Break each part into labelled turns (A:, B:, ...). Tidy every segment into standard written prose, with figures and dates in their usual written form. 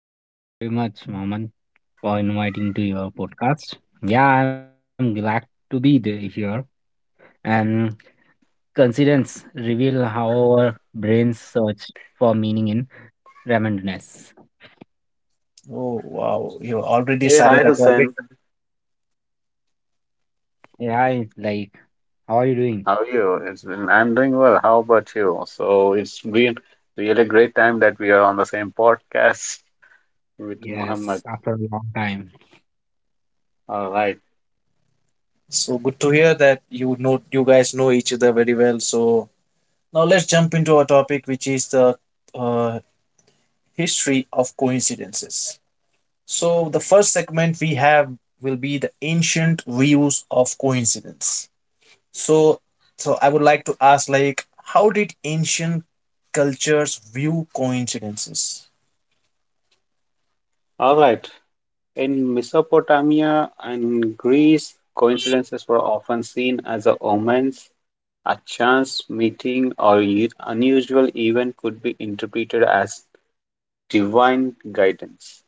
A: Hey, thank you very much, Mohammed, for inviting to your podcast. Yeah, I'm glad to be there here. And coincidence reveal how our brains search for meaning in randomness.
B: Oh, wow. You already
C: Hey, hi
B: started a
C: Hussein.
B: topic.
A: Yeah, it's like, how are you doing?
C: How are you? I'm doing well. How about you? So it's been really great time that we are on the same podcast with Mohammed.
A: Yes, after a long time.
C: All right.
B: So, good to hear that you guys know each other very well. So, now let's jump into our topic, which is the uh, history of coincidences. So, the first segment we have will be the ancient views of coincidence. So, so, I would like to ask, like, how did ancient cultures view coincidences?
C: All right. In Mesopotamia and Greece, coincidences were often seen as a omens. A chance meeting or unusual event could be interpreted as divine guidance.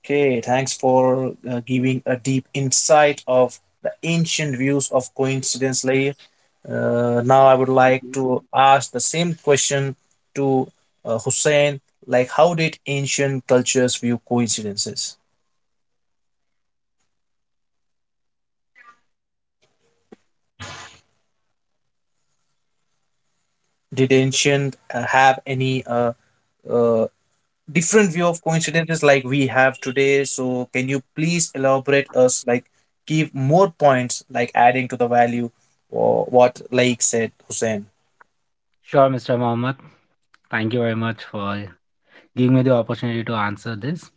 B: Okay, thanks for giving a deep insight of the ancient views of coincidence, Lair. Now, I would like
C: Mhm.
B: to ask the same question to Hussein. Like, how did ancient cultures view coincidences? Did ancient have any uh, different view of coincidences like we have today. So can you please elaborate us like give more points like adding to the value or what like said Hussein?
A: Sure, Mr. Mohammed. Thank you very much for. Give me the opportunity to answer this.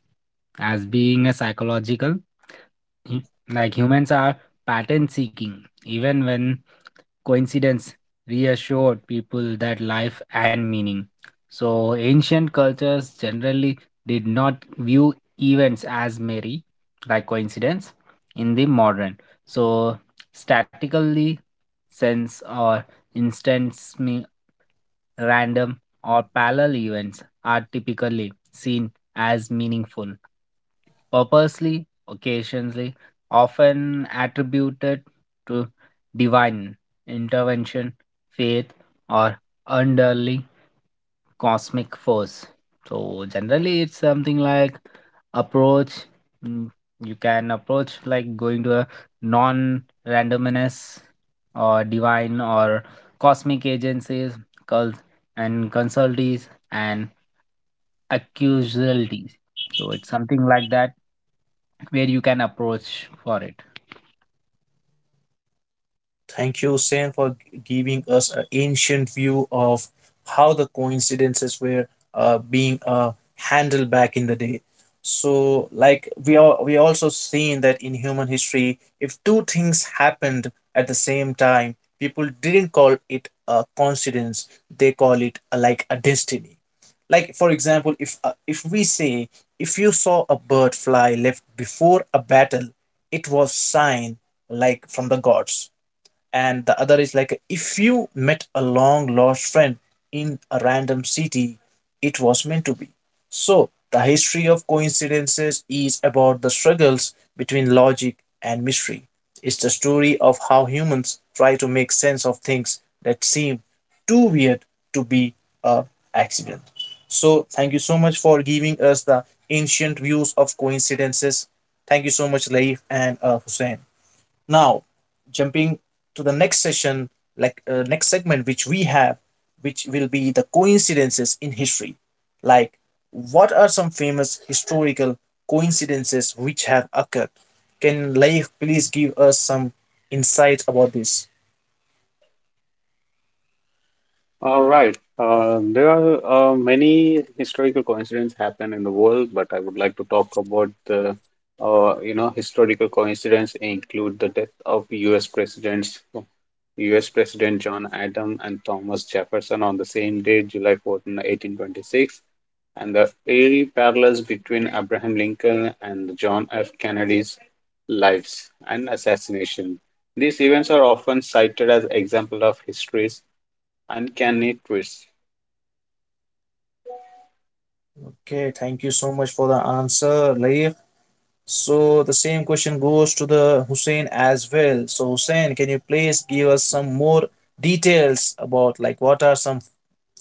A: As being a psychological, hu- like humans are pattern seeking, even when coincidence reassured people that life and meaning. So, ancient cultures generally did not view events as merry, like coincidence, in the modern. So, statically sense or instance random, or parallel events are typically seen as meaningful, purposely, occasionally, often attributed to divine intervention, faith, or underlying cosmic force. So generally, it's something like approach. mm, You can approach like going to a non-randomness or divine or cosmic agencies cult and consultees and accusations. So it's something like that where you can approach for it.
B: Thank you, Sen, for giving us an ancient view of how the coincidences were being handled back in the day. So, like we also seen that in human history, if two things happened at the same time, people didn't call it a coincidence; they call it a, like a destiny. Like for example, if we say if you saw a bird fly left before a battle, it was sign like from the gods, and the other is like if you met a long lost friend in a random city, it was meant to be. So the history of coincidences is about the struggles between logic and mystery. It's the story of how humans try to make sense of things that seem too weird to be a accident. So thank you so much for giving us the ancient views of coincidences. Thank you so much, Laif and Hussein. Now jumping to the next session, like next segment which we have, which will be the coincidences in history. Like what are some famous historical coincidences which have occurred? Can Laif please give us some insight about this?
C: All right. There are many historical coincidences happen in the world, but I would like to talk about the historical coincidence include the death of U.S. presidents, US President John Adams and Thomas Jefferson on the same day, July 14, 1826, and the eerie parallels between Abraham Lincoln and John F. Kennedy's lives and assassination. These events are often cited as examples of history's uncanny twists.
B: Okay, thank you so much for the answer, Laif. So the same question goes to the Hussein as well. So Hussein, can you please give us some more details about like what are some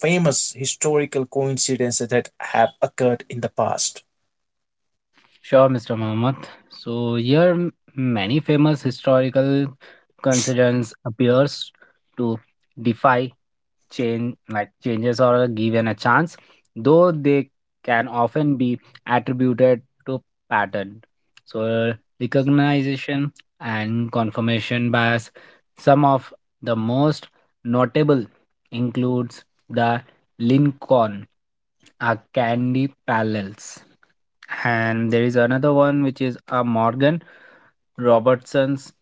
B: famous historical coincidences that have occurred in the past?
A: Sure, Mr. Mohammed. So here many famous historical coincidence appears to defy change like changes or are given a chance, though they can often be attributed to pattern. So recognition and confirmation bias. Some of the most notable includes the Lincoln, a Candy Parallels. And there is another one which is a Morgan Robertson's,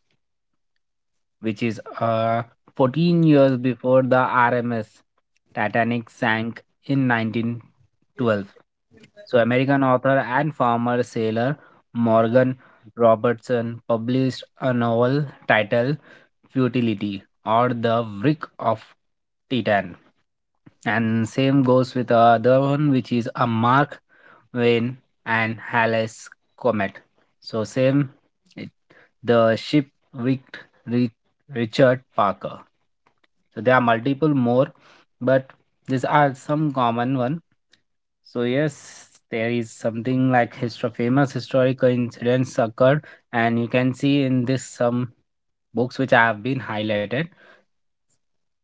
A: which is 14 years before the RMS Titanic sank in 1912. So, American author and former sailor Morgan Robertson published a novel titled Futility or The Wreck of Titan. And same goes with the other one, which is a Mark Wayne and Halley's Comet. So, same, it, the ship wrecked re- Richard Parker. So there are multiple more, but these are some common one. So yes, there is something like history, famous historical incidents occurred, and you can see in this some books which have been highlighted.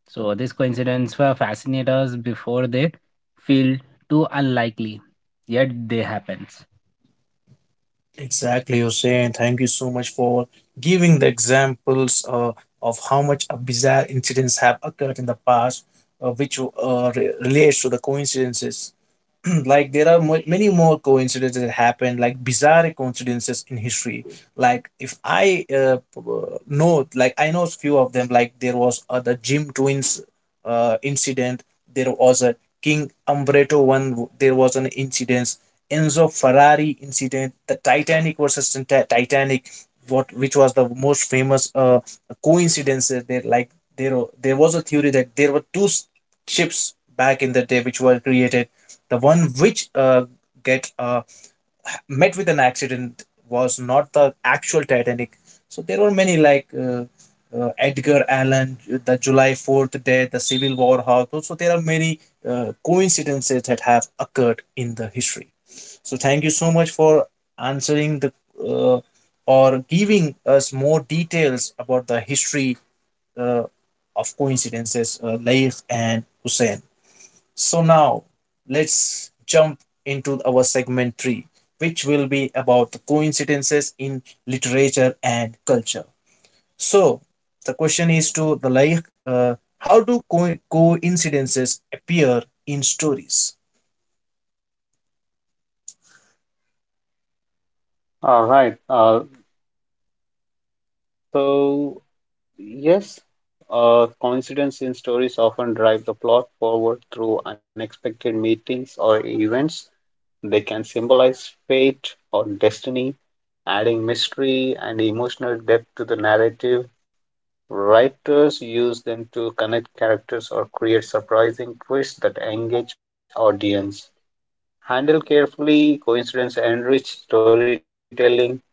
A: So these coincidences were fascinators before they feel too unlikely, yet they happens.
B: Exactly, Hussein. Thank you so much for giving the examples of how much bizarre incidents have occurred in the past, which relates to the coincidences. Like there are many more coincidences that happen, like bizarre coincidences in history. Like if I know, like I know few of them. Like there was the Jim twins incident, there was a king Umbretto one, there was an incident, Enzo Ferrari incident, the Titanic versus Titanic. What, which was the most famous coincidence there? Like there was a theory that there were two ships back in the day which were created. The one which get met with an accident was not the actual Titanic. So there were many like Edgar Allan, the July 4th death, the Civil War. How so there are many coincidences that have occurred in the history. So thank you so much for answering the uh, or giving us more details about the history uh, of coincidences, Laif and Hussein. So now let's jump into our segment 3, which will be about the coincidences in literature and culture. So the question is to the like, how do coincidences appear in stories?
C: All right. So, yes, Coincidence in stories often drive the plot forward through unexpected meetings or events. They can symbolize fate or destiny, adding mystery and emotional depth to the narrative. Writers use them to connect characters or create surprising twists that engage audience. Handled carefully, coincidence enrich storytelling.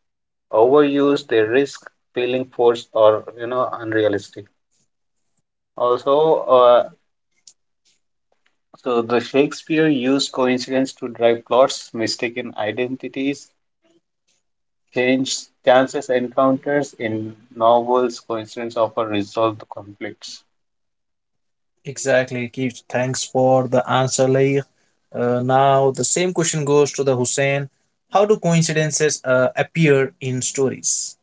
C: Overuse, they risk feeling forced or unrealistic. Also, the Shakespeare used coincidence to drive plots, mistaken identities. Change Chances encounters in novels coincidence often resolve the conflicts.
B: Exactly, Keith. Thanks for the answer, Laik. Now the same question goes to the Hussein. How do coincidences appear in stories?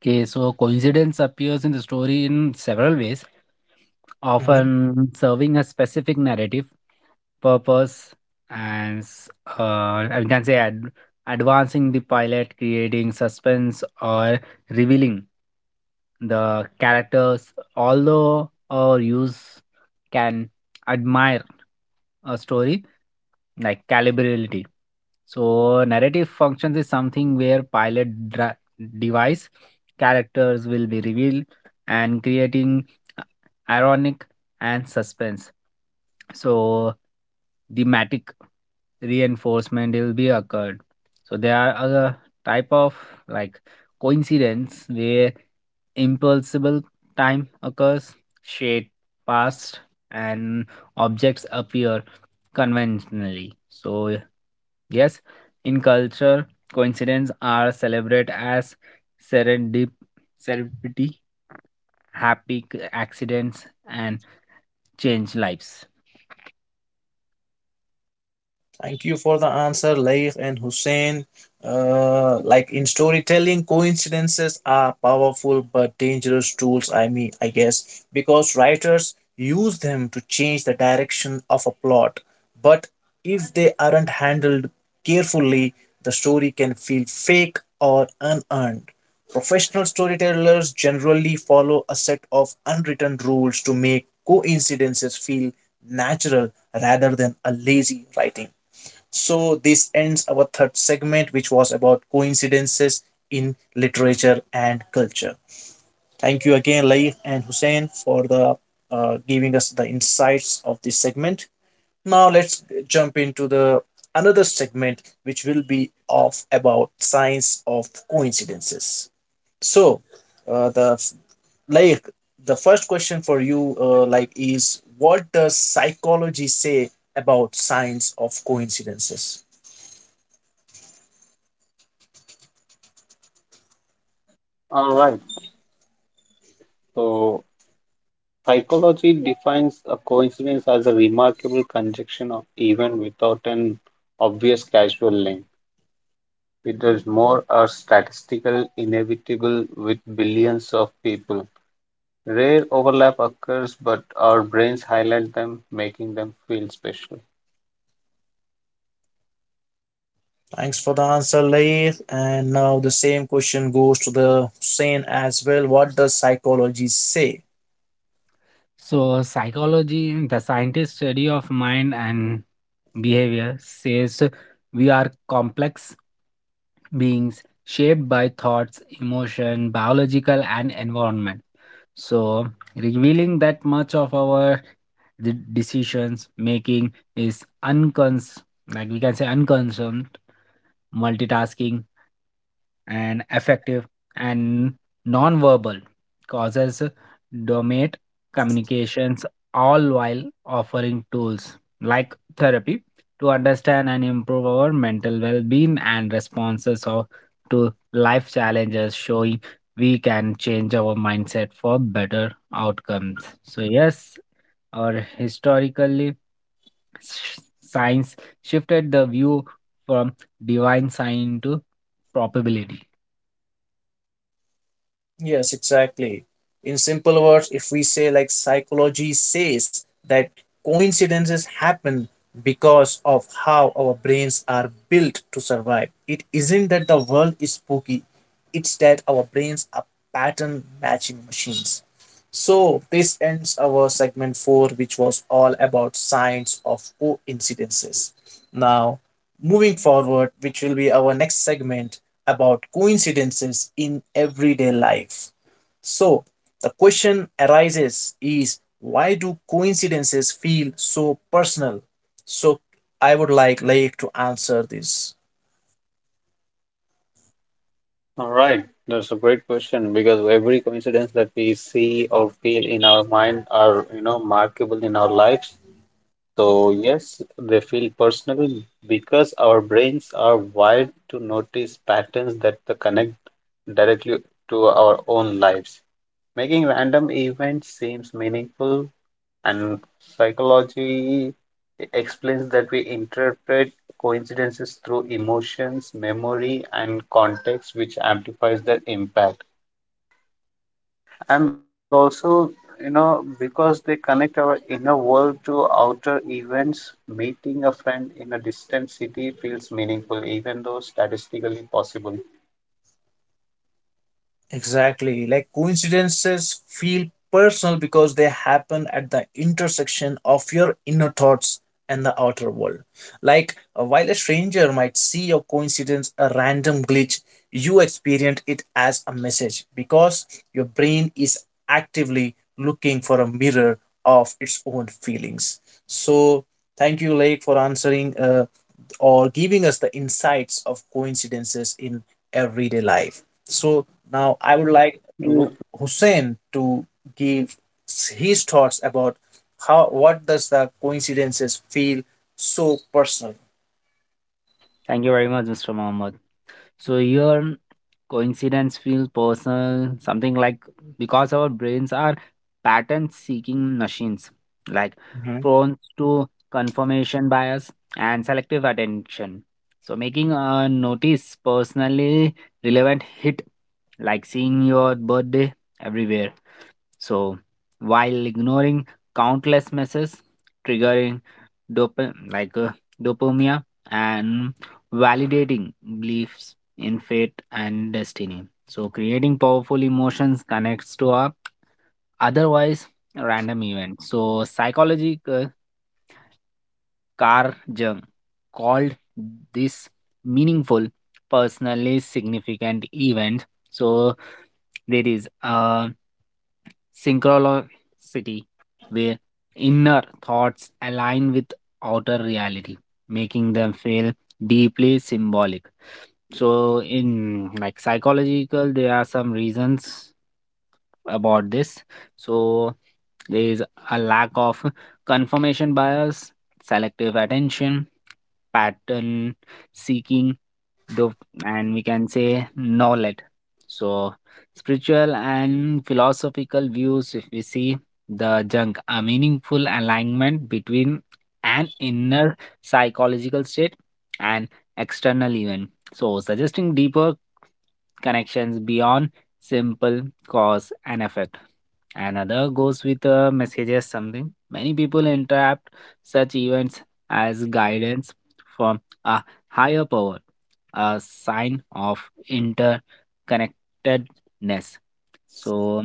A: Okay, so coincidence appears in the story in several ways,
B: Mhm.
A: often serving a specific narrative, purpose, and I can say advancing the pilot, creating suspense, or revealing the characters. Although our use can admire a story, like calibrability. So narrative functions is something where pilot device characters will be revealed and creating uh, ironic and suspense. So thematic reinforcement will be occurred. So there are other type of like coincidence where impulsible time occurs, shade passed, and objects appear conventionally. So, yes, in culture, coincidence are celebrated as serendip- serendipity, happy accidents, and change lives.
B: Thank you for the answer, Laif and Hussein. Like in storytelling, coincidences are powerful but dangerous tools, I mean, I guess, because writers use them to change the direction of a plot. But if they aren't handled carefully, the story can feel fake or unearned. Professional storytellers generally follow a set of unwritten rules to make coincidences feel natural rather than a lazy writing. So, this ends our third segment, which was about coincidences in literature and culture. Thank you again, Laif and Hussein, for the giving us the insights of this segment. Now, let's jump into the another segment, which will be of about science of coincidences. So, uh, the like the first question for you, like, is what does psychology say about science of coincidences?
C: All right. So psychology defines a coincidence as a remarkable conjunction of event without an obvious causal link. It is more a statistical inevitable with billions of people. Rare overlap occurs, but our brains highlight them, making them feel special.
B: Thanks for the answer, Lair. And now the same question goes to the Hussein as well. What does psychology say?
A: So, psychology, the scientist study of mind and behavior, says we are complex beings shaped by thoughts, emotion, biological, and environment. So, revealing that much of our the decisions making is uncons like we can say unconcerned, multitasking and affective and non-verbal causes dominate communications, all while offering tools like therapy to understand and improve our mental well-being and responses of, to life challenges, showing we can change our mindset for better outcomes. So yes, or historically, science shifted the view from divine sign to probability.
B: Yes, exactly. In simple words, if we say like psychology says that coincidences happen because of how our brains are built to survive, it isn't that the world is spooky, it's that our brains are pattern matching machines. So this ends our segment 4 which was all about science of coincidences. Now moving forward which will be our next segment about coincidences in everyday life. So the question arises is why do coincidences feel so personal? So I would like to answer this.
C: All right, that's a great question because every coincidence that we see or feel in our mind are, you know, markable in our lives. So, yes, they feel personal because our brains are wired to notice patterns that the connect directly to our own lives, making random events seems meaningful, and psychology explains that we interpret coincidences through emotions, memory, and context, which amplifies their impact. And also, you know, because they connect our inner world to outer events, meeting a friend in a distant city feels meaningful, even though statistically possible.
B: Exactly. Like coincidences feel personal because they happen at the intersection of your inner thoughts and the outer world. Like while a stranger might see your coincidence a random glitch, you experience it as a message because your brain is actively looking for a mirror of its own feelings. So, thank you, Lake, for answering or giving us the insights of coincidences in everyday life. So now I would like to
C: Well,
B: Hussein to give his thoughts about how what does the coincidences feel so personal.
A: Thank you very much, Mr. Mohammed. So your coincidence feel personal, something like because our brains are pattern seeking machines, like prone to confirmation bias and selective attention. So making a notice personally relevant hit, like seeing your birthday everywhere. So while ignoring countless misses, triggering dopa- like uh, dopamine and validating beliefs in fate and destiny, so creating powerful emotions connects to our otherwise random event. So psychology, Carl Jung called this meaningful, personally significant event. So there is a synchronicity, where inner thoughts align with outer reality, making them feel deeply symbolic. So in like psychological, there are some reasons about this. So there is a lack of confirmation bias, selective attention, pattern seeking, dop- and we can say knowledge. So spiritual and philosophical views, if we see the junk, a meaningful alignment between an inner psychological state and external event, so suggesting deeper connections beyond simple cause and effect. Another goes with a messages something. Many people interpret such events as guidance from a higher power, a sign of interconnectedness. So,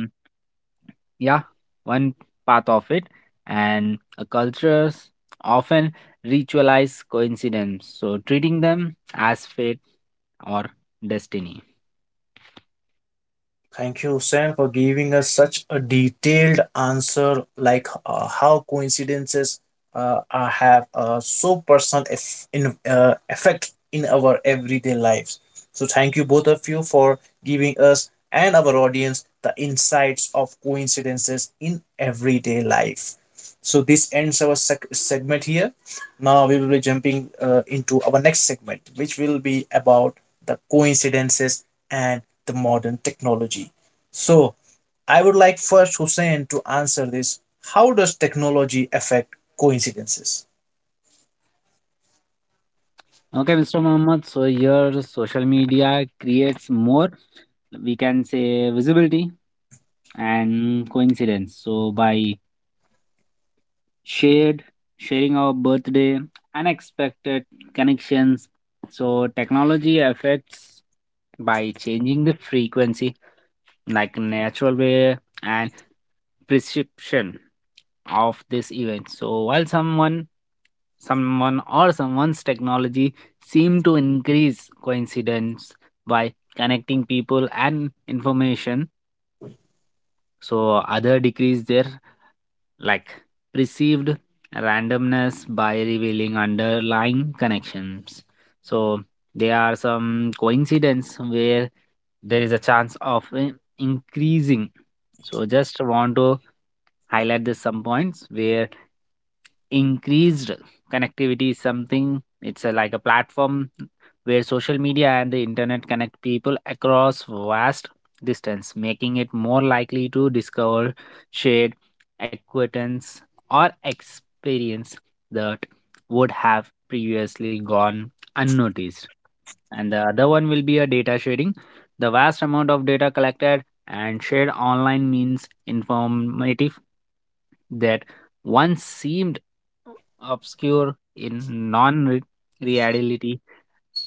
A: yeah, one part of it. And cultures often ritualize coincidence. So, treating them as fate or destiny.
B: Thank you, Sam, for giving us such a detailed answer, like how coincidences are, have a so personal effect in our everyday lives. So, thank you both of you for giving us and our audience the insights of coincidences in everyday life. So, this ends our segment here. Now, we will be jumping into our next segment, which will be about the coincidences and the modern technology. So, I would like first Hussein to answer this. How does technology affect coincidences?
A: Okay, Mr. Mohammed. So your social media creates more, we can say, visibility and coincidence. So by shared sharing our birthday, unexpected connections. So technology affects by changing the frequency like natural way and prescription of this event. So while someone or someone's technology seem to increase coincidence by connecting people and information, so other decrease their like perceived randomness by revealing underlying connections. So there are some coincidence where there is a chance of increasing. So just want to highlight this some points where increased connectivity is something. It's a, like a platform where social media and the internet connect people across vast distance, making it more likely to discover, share, acquaintance or experience that would have previously gone unnoticed. And the other one will be a data sharing. The vast amount of data collected and shared online means informative that once seemed obscure in non reality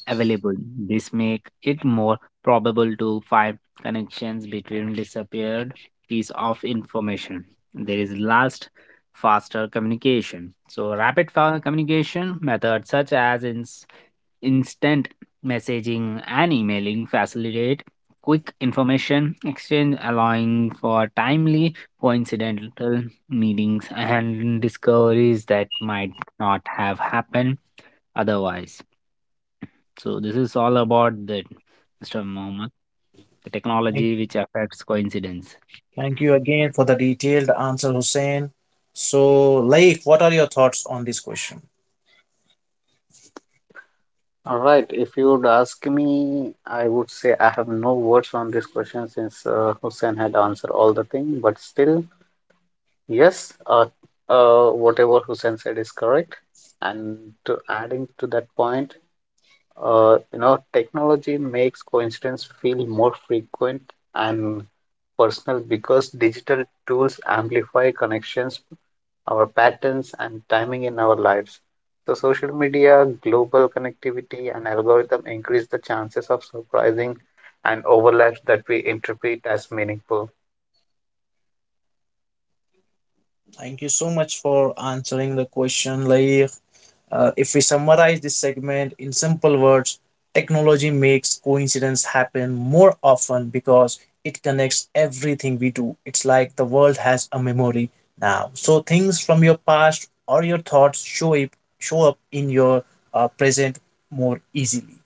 A: available. This make it more probable to find connections between disappeared piece of information. There is last faster communication. So rapid fire communication methods such as in instant messaging and emailing facilitate quick information exchange, allowing for timely coincidental meetings and discoveries that might not have happened otherwise. So this is all about the, Mr. Mohammed, the technology
B: Thank you,
A: which affects coincidence.
B: Thank you again for the detailed answer, Hussein. So, Laik, what are your thoughts on this question?
C: all right, if you would ask me, I would say I have no words on this question since Hussein had answered all the thing, but still, yes, whatever Hussein said is correct. And to adding to that point, you know, technology makes coincidence feel more frequent and personal because digital tools amplify connections, our patterns, and timing in our lives. So, social media, global connectivity, and algorithm increase the chances of surprising and overlaps that we interpret as meaningful.
B: Thank you so much for answering the question. Like, if we summarize this segment in simple words, technology makes coincidence happen more often because it connects everything we do. It's like the world has a memory now, so things from your past or your thoughts show up in your present more easily.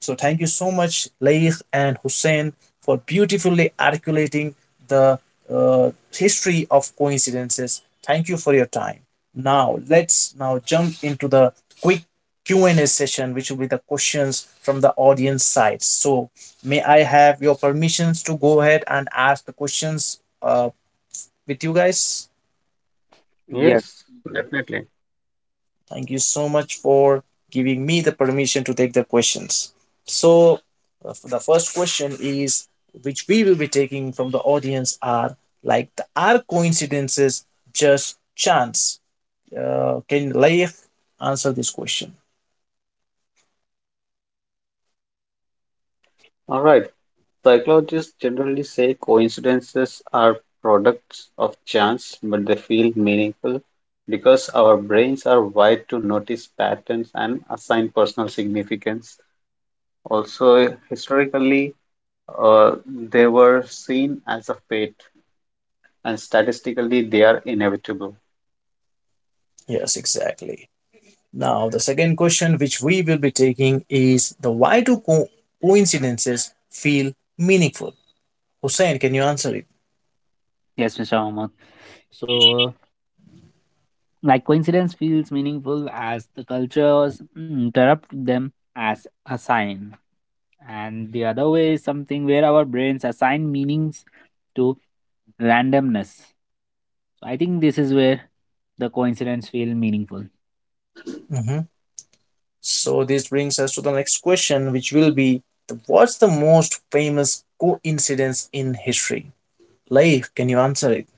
B: So thank you so much, Laith and Hussein, for beautifully articulating the history of coincidences. Thank you for your time. Now let's now jump into the quick Q&A session, which will be the questions from the audience side. So may I have your permissions to go ahead and ask the questions with you guys?
A: Yes.
C: Yes, definitely.
B: Thank you so much for giving me the permission to take the questions. So, the first question is which we will be taking from the audience are like the, are coincidences just chance? Can Laif answer this question?
C: All right. Psychologists generally say coincidences are products of chance, but they feel meaningful because our brains are wired to notice patterns and assign personal significance. Also, historically, uh, they were seen as a fate, and statistically, they are inevitable.
B: Yes, exactly. Now, the second question which we will be taking is the why do coincidences feel meaningful? Hussein, can you answer it?
A: Yes, Mr. Mohammed. So, like, coincidence feels meaningful as the cultures interrupt them as a sign. And the other way is something where our brains assign meanings to randomness. So, I think this is where the coincidence feel meaningful.
B: Mhm. So this brings us to the next question, which will be what's the most famous coincidence in history? Life, can you answer it?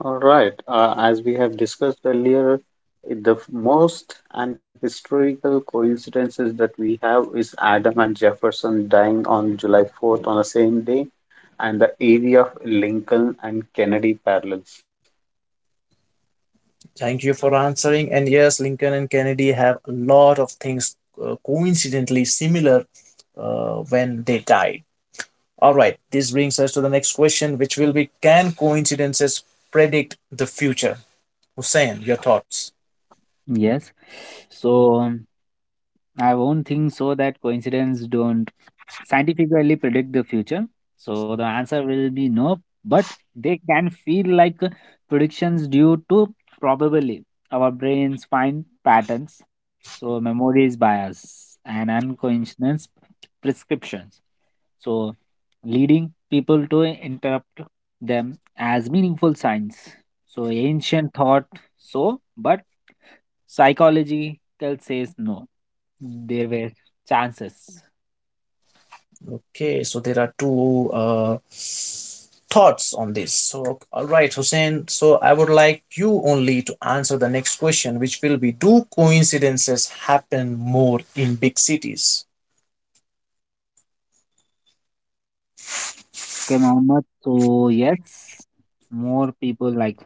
C: All right. As we have discussed earlier, the most and historical coincidences that we have is Adam and Jefferson dying on July 4th on the same day, and the area of Lincoln and Kennedy parallels.
B: Thank you for answering. And yes, Lincoln and Kennedy have a lot of things coincidentally similar when they died. All right, this brings us to the next question, which will be: can coincidences predict the future? Hussein, your thoughts?
A: Yes. So I won't think so that coincidence don't scientifically predict the future. So the answer will be no, but they can feel like predictions due to probably our brains find patterns. So memory is bias and unconscious prescriptions. So leading people to interrupt them as meaningful signs. So ancient thought so, but psychological says no, there were chances.
B: Okay, so there are two thoughts on this. So, all right, Hussein. So, I would like you only to answer the next question, which will be: do coincidences happen more in big cities?
A: Okay, Mohammed. So yes, more people, like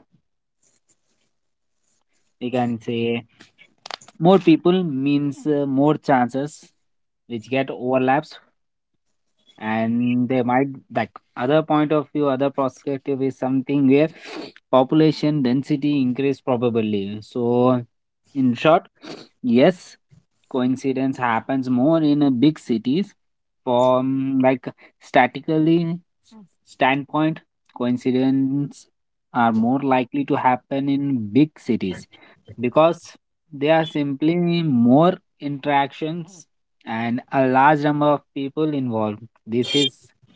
A: we can say more people means more chances which get overlaps, and they might like other point of view, other perspective is something where population density increase probably. So in short, yes, coincidence happens more in big cities. From like statically standpoint, coincidence are more likely to happen in big cities because there are simply more interactions and a large number of people involved. This is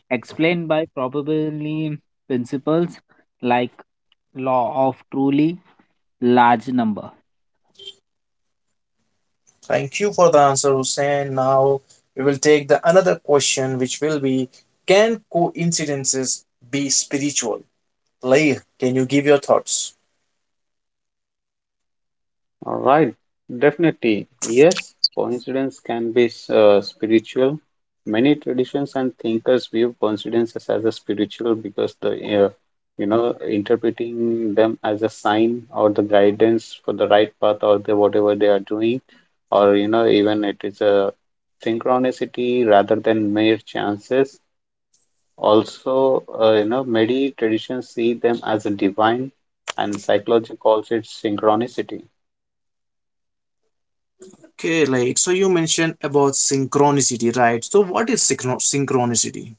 A: explained by probability principles like law of truly large number.
B: Thank you for the answer, Hussein. Now, we will take the another question, which will be: can coincidences be spiritual? Like, can you give your thoughts?
C: All right, definitely. Yes, coincidence can be spiritual. Many traditions and thinkers view coincidences as a spiritual because the uh, interpreting them as a sign or the guidance for the right path or the whatever they are doing, or you know even it is a synchronicity rather than mere chances. Also, you know many traditions see them as a divine, and psychology calls it synchronicity.
B: Okay, like, so you mentioned about synchronicity, right? So, what is synchronicity?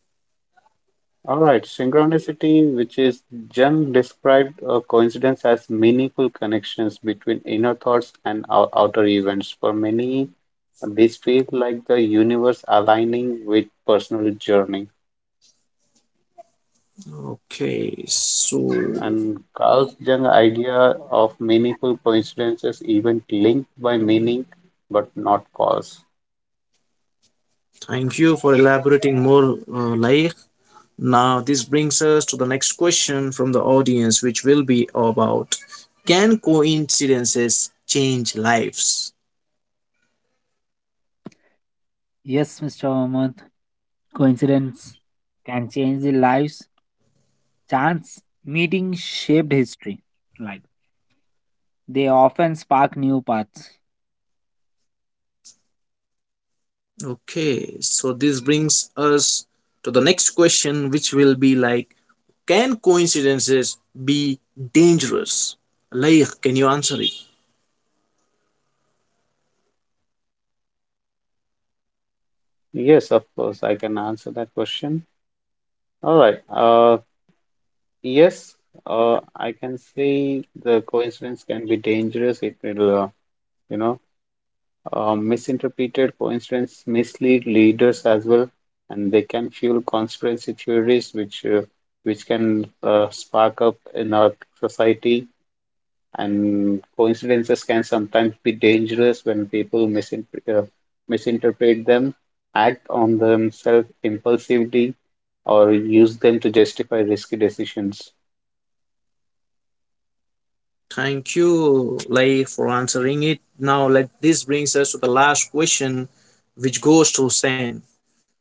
C: All right, synchronicity, which is Jung described a coincidence as meaningful connections between inner thoughts and outer events. For many, this feels like the universe aligning with personal journey.
B: Okay, so
C: And Carl Jung's idea of meaningful coincidences even linked by meaning but not cause.
B: thank you for elaborating more, Laik. Now, this brings us to the next question from the audience, which will be about: can coincidences change lives?
A: Yes, Mr. Mohammed. Coincidence can change the lives. Chance meeting shaped history. Like they often spark new paths.
B: Okay, so this brings us to the next question, which will be like: can coincidences be dangerous? Laik, can you answer it?
C: Yes, of course, I can answer that question. All right. Yes, I can say the coincidence can be dangerous. It will, you know, Misinterpreted coincidence mislead leaders as well, and they can fuel conspiracy theories, which can spark up in our society. And coincidences can sometimes be dangerous when people misinterpret them, act on themselves impulsively, or use them to justify risky decisions.
B: Thank you, Laik, for answering it. Now, let this brings us to the last question, which goes to Hussein.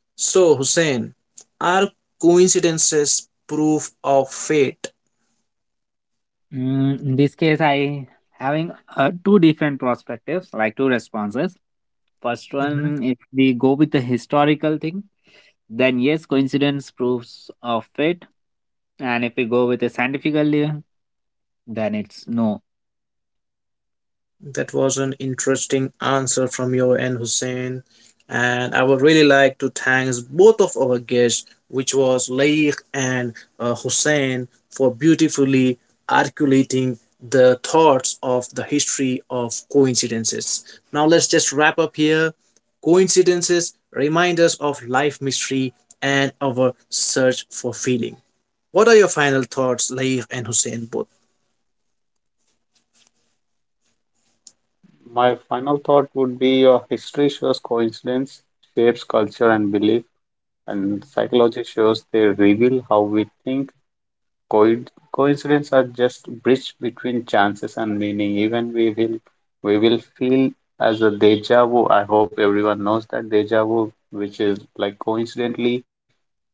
B: So, Hussein, are coincidences proof of fate?
A: Mm, in this case, I having two different perspectives, like two responses. First
B: Mhm.
A: one, if we go with the historical thing, then yes, coincidence proves of fate. And if we go with a scientifically, then it's no.
B: That was an interesting answer from your end, Hussein. And I would really like to thank both of our guests, which was Laik and Hussein, for beautifully articulating the thoughts of the history of coincidences. Now, let's just wrap up here. Coincidences remind us of life mystery and our search for feeling. What are your final thoughts, Laif and Hussein both?
C: My final thought would be history shows coincidence shapes culture and belief, and psychology shows they reveal how we think. Coid coincidence are just bridge between chances and meaning. Even we will feel as a deja vu. I hope everyone knows that deja vu, which is like coincidentally,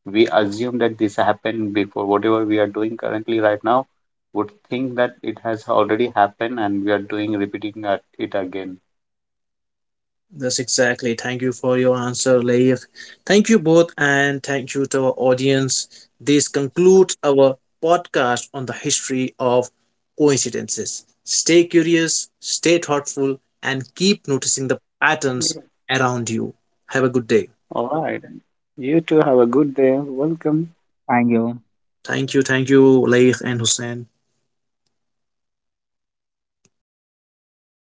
C: we assume that this happened before. Whatever we are doing currently right now would think that it has already happened, and we are doing repeating it again.
B: That's exactly. Thank you for your answer, Laif. Thank you both, and thank you to our audience. This concludes our podcast on the history of coincidences. Stay curious, stay thoughtful, and keep noticing the patterns around you. Have a good day.
C: All right. You two have a good day. Welcome.
A: Thank you.
B: Thank you, Laif and Hussein.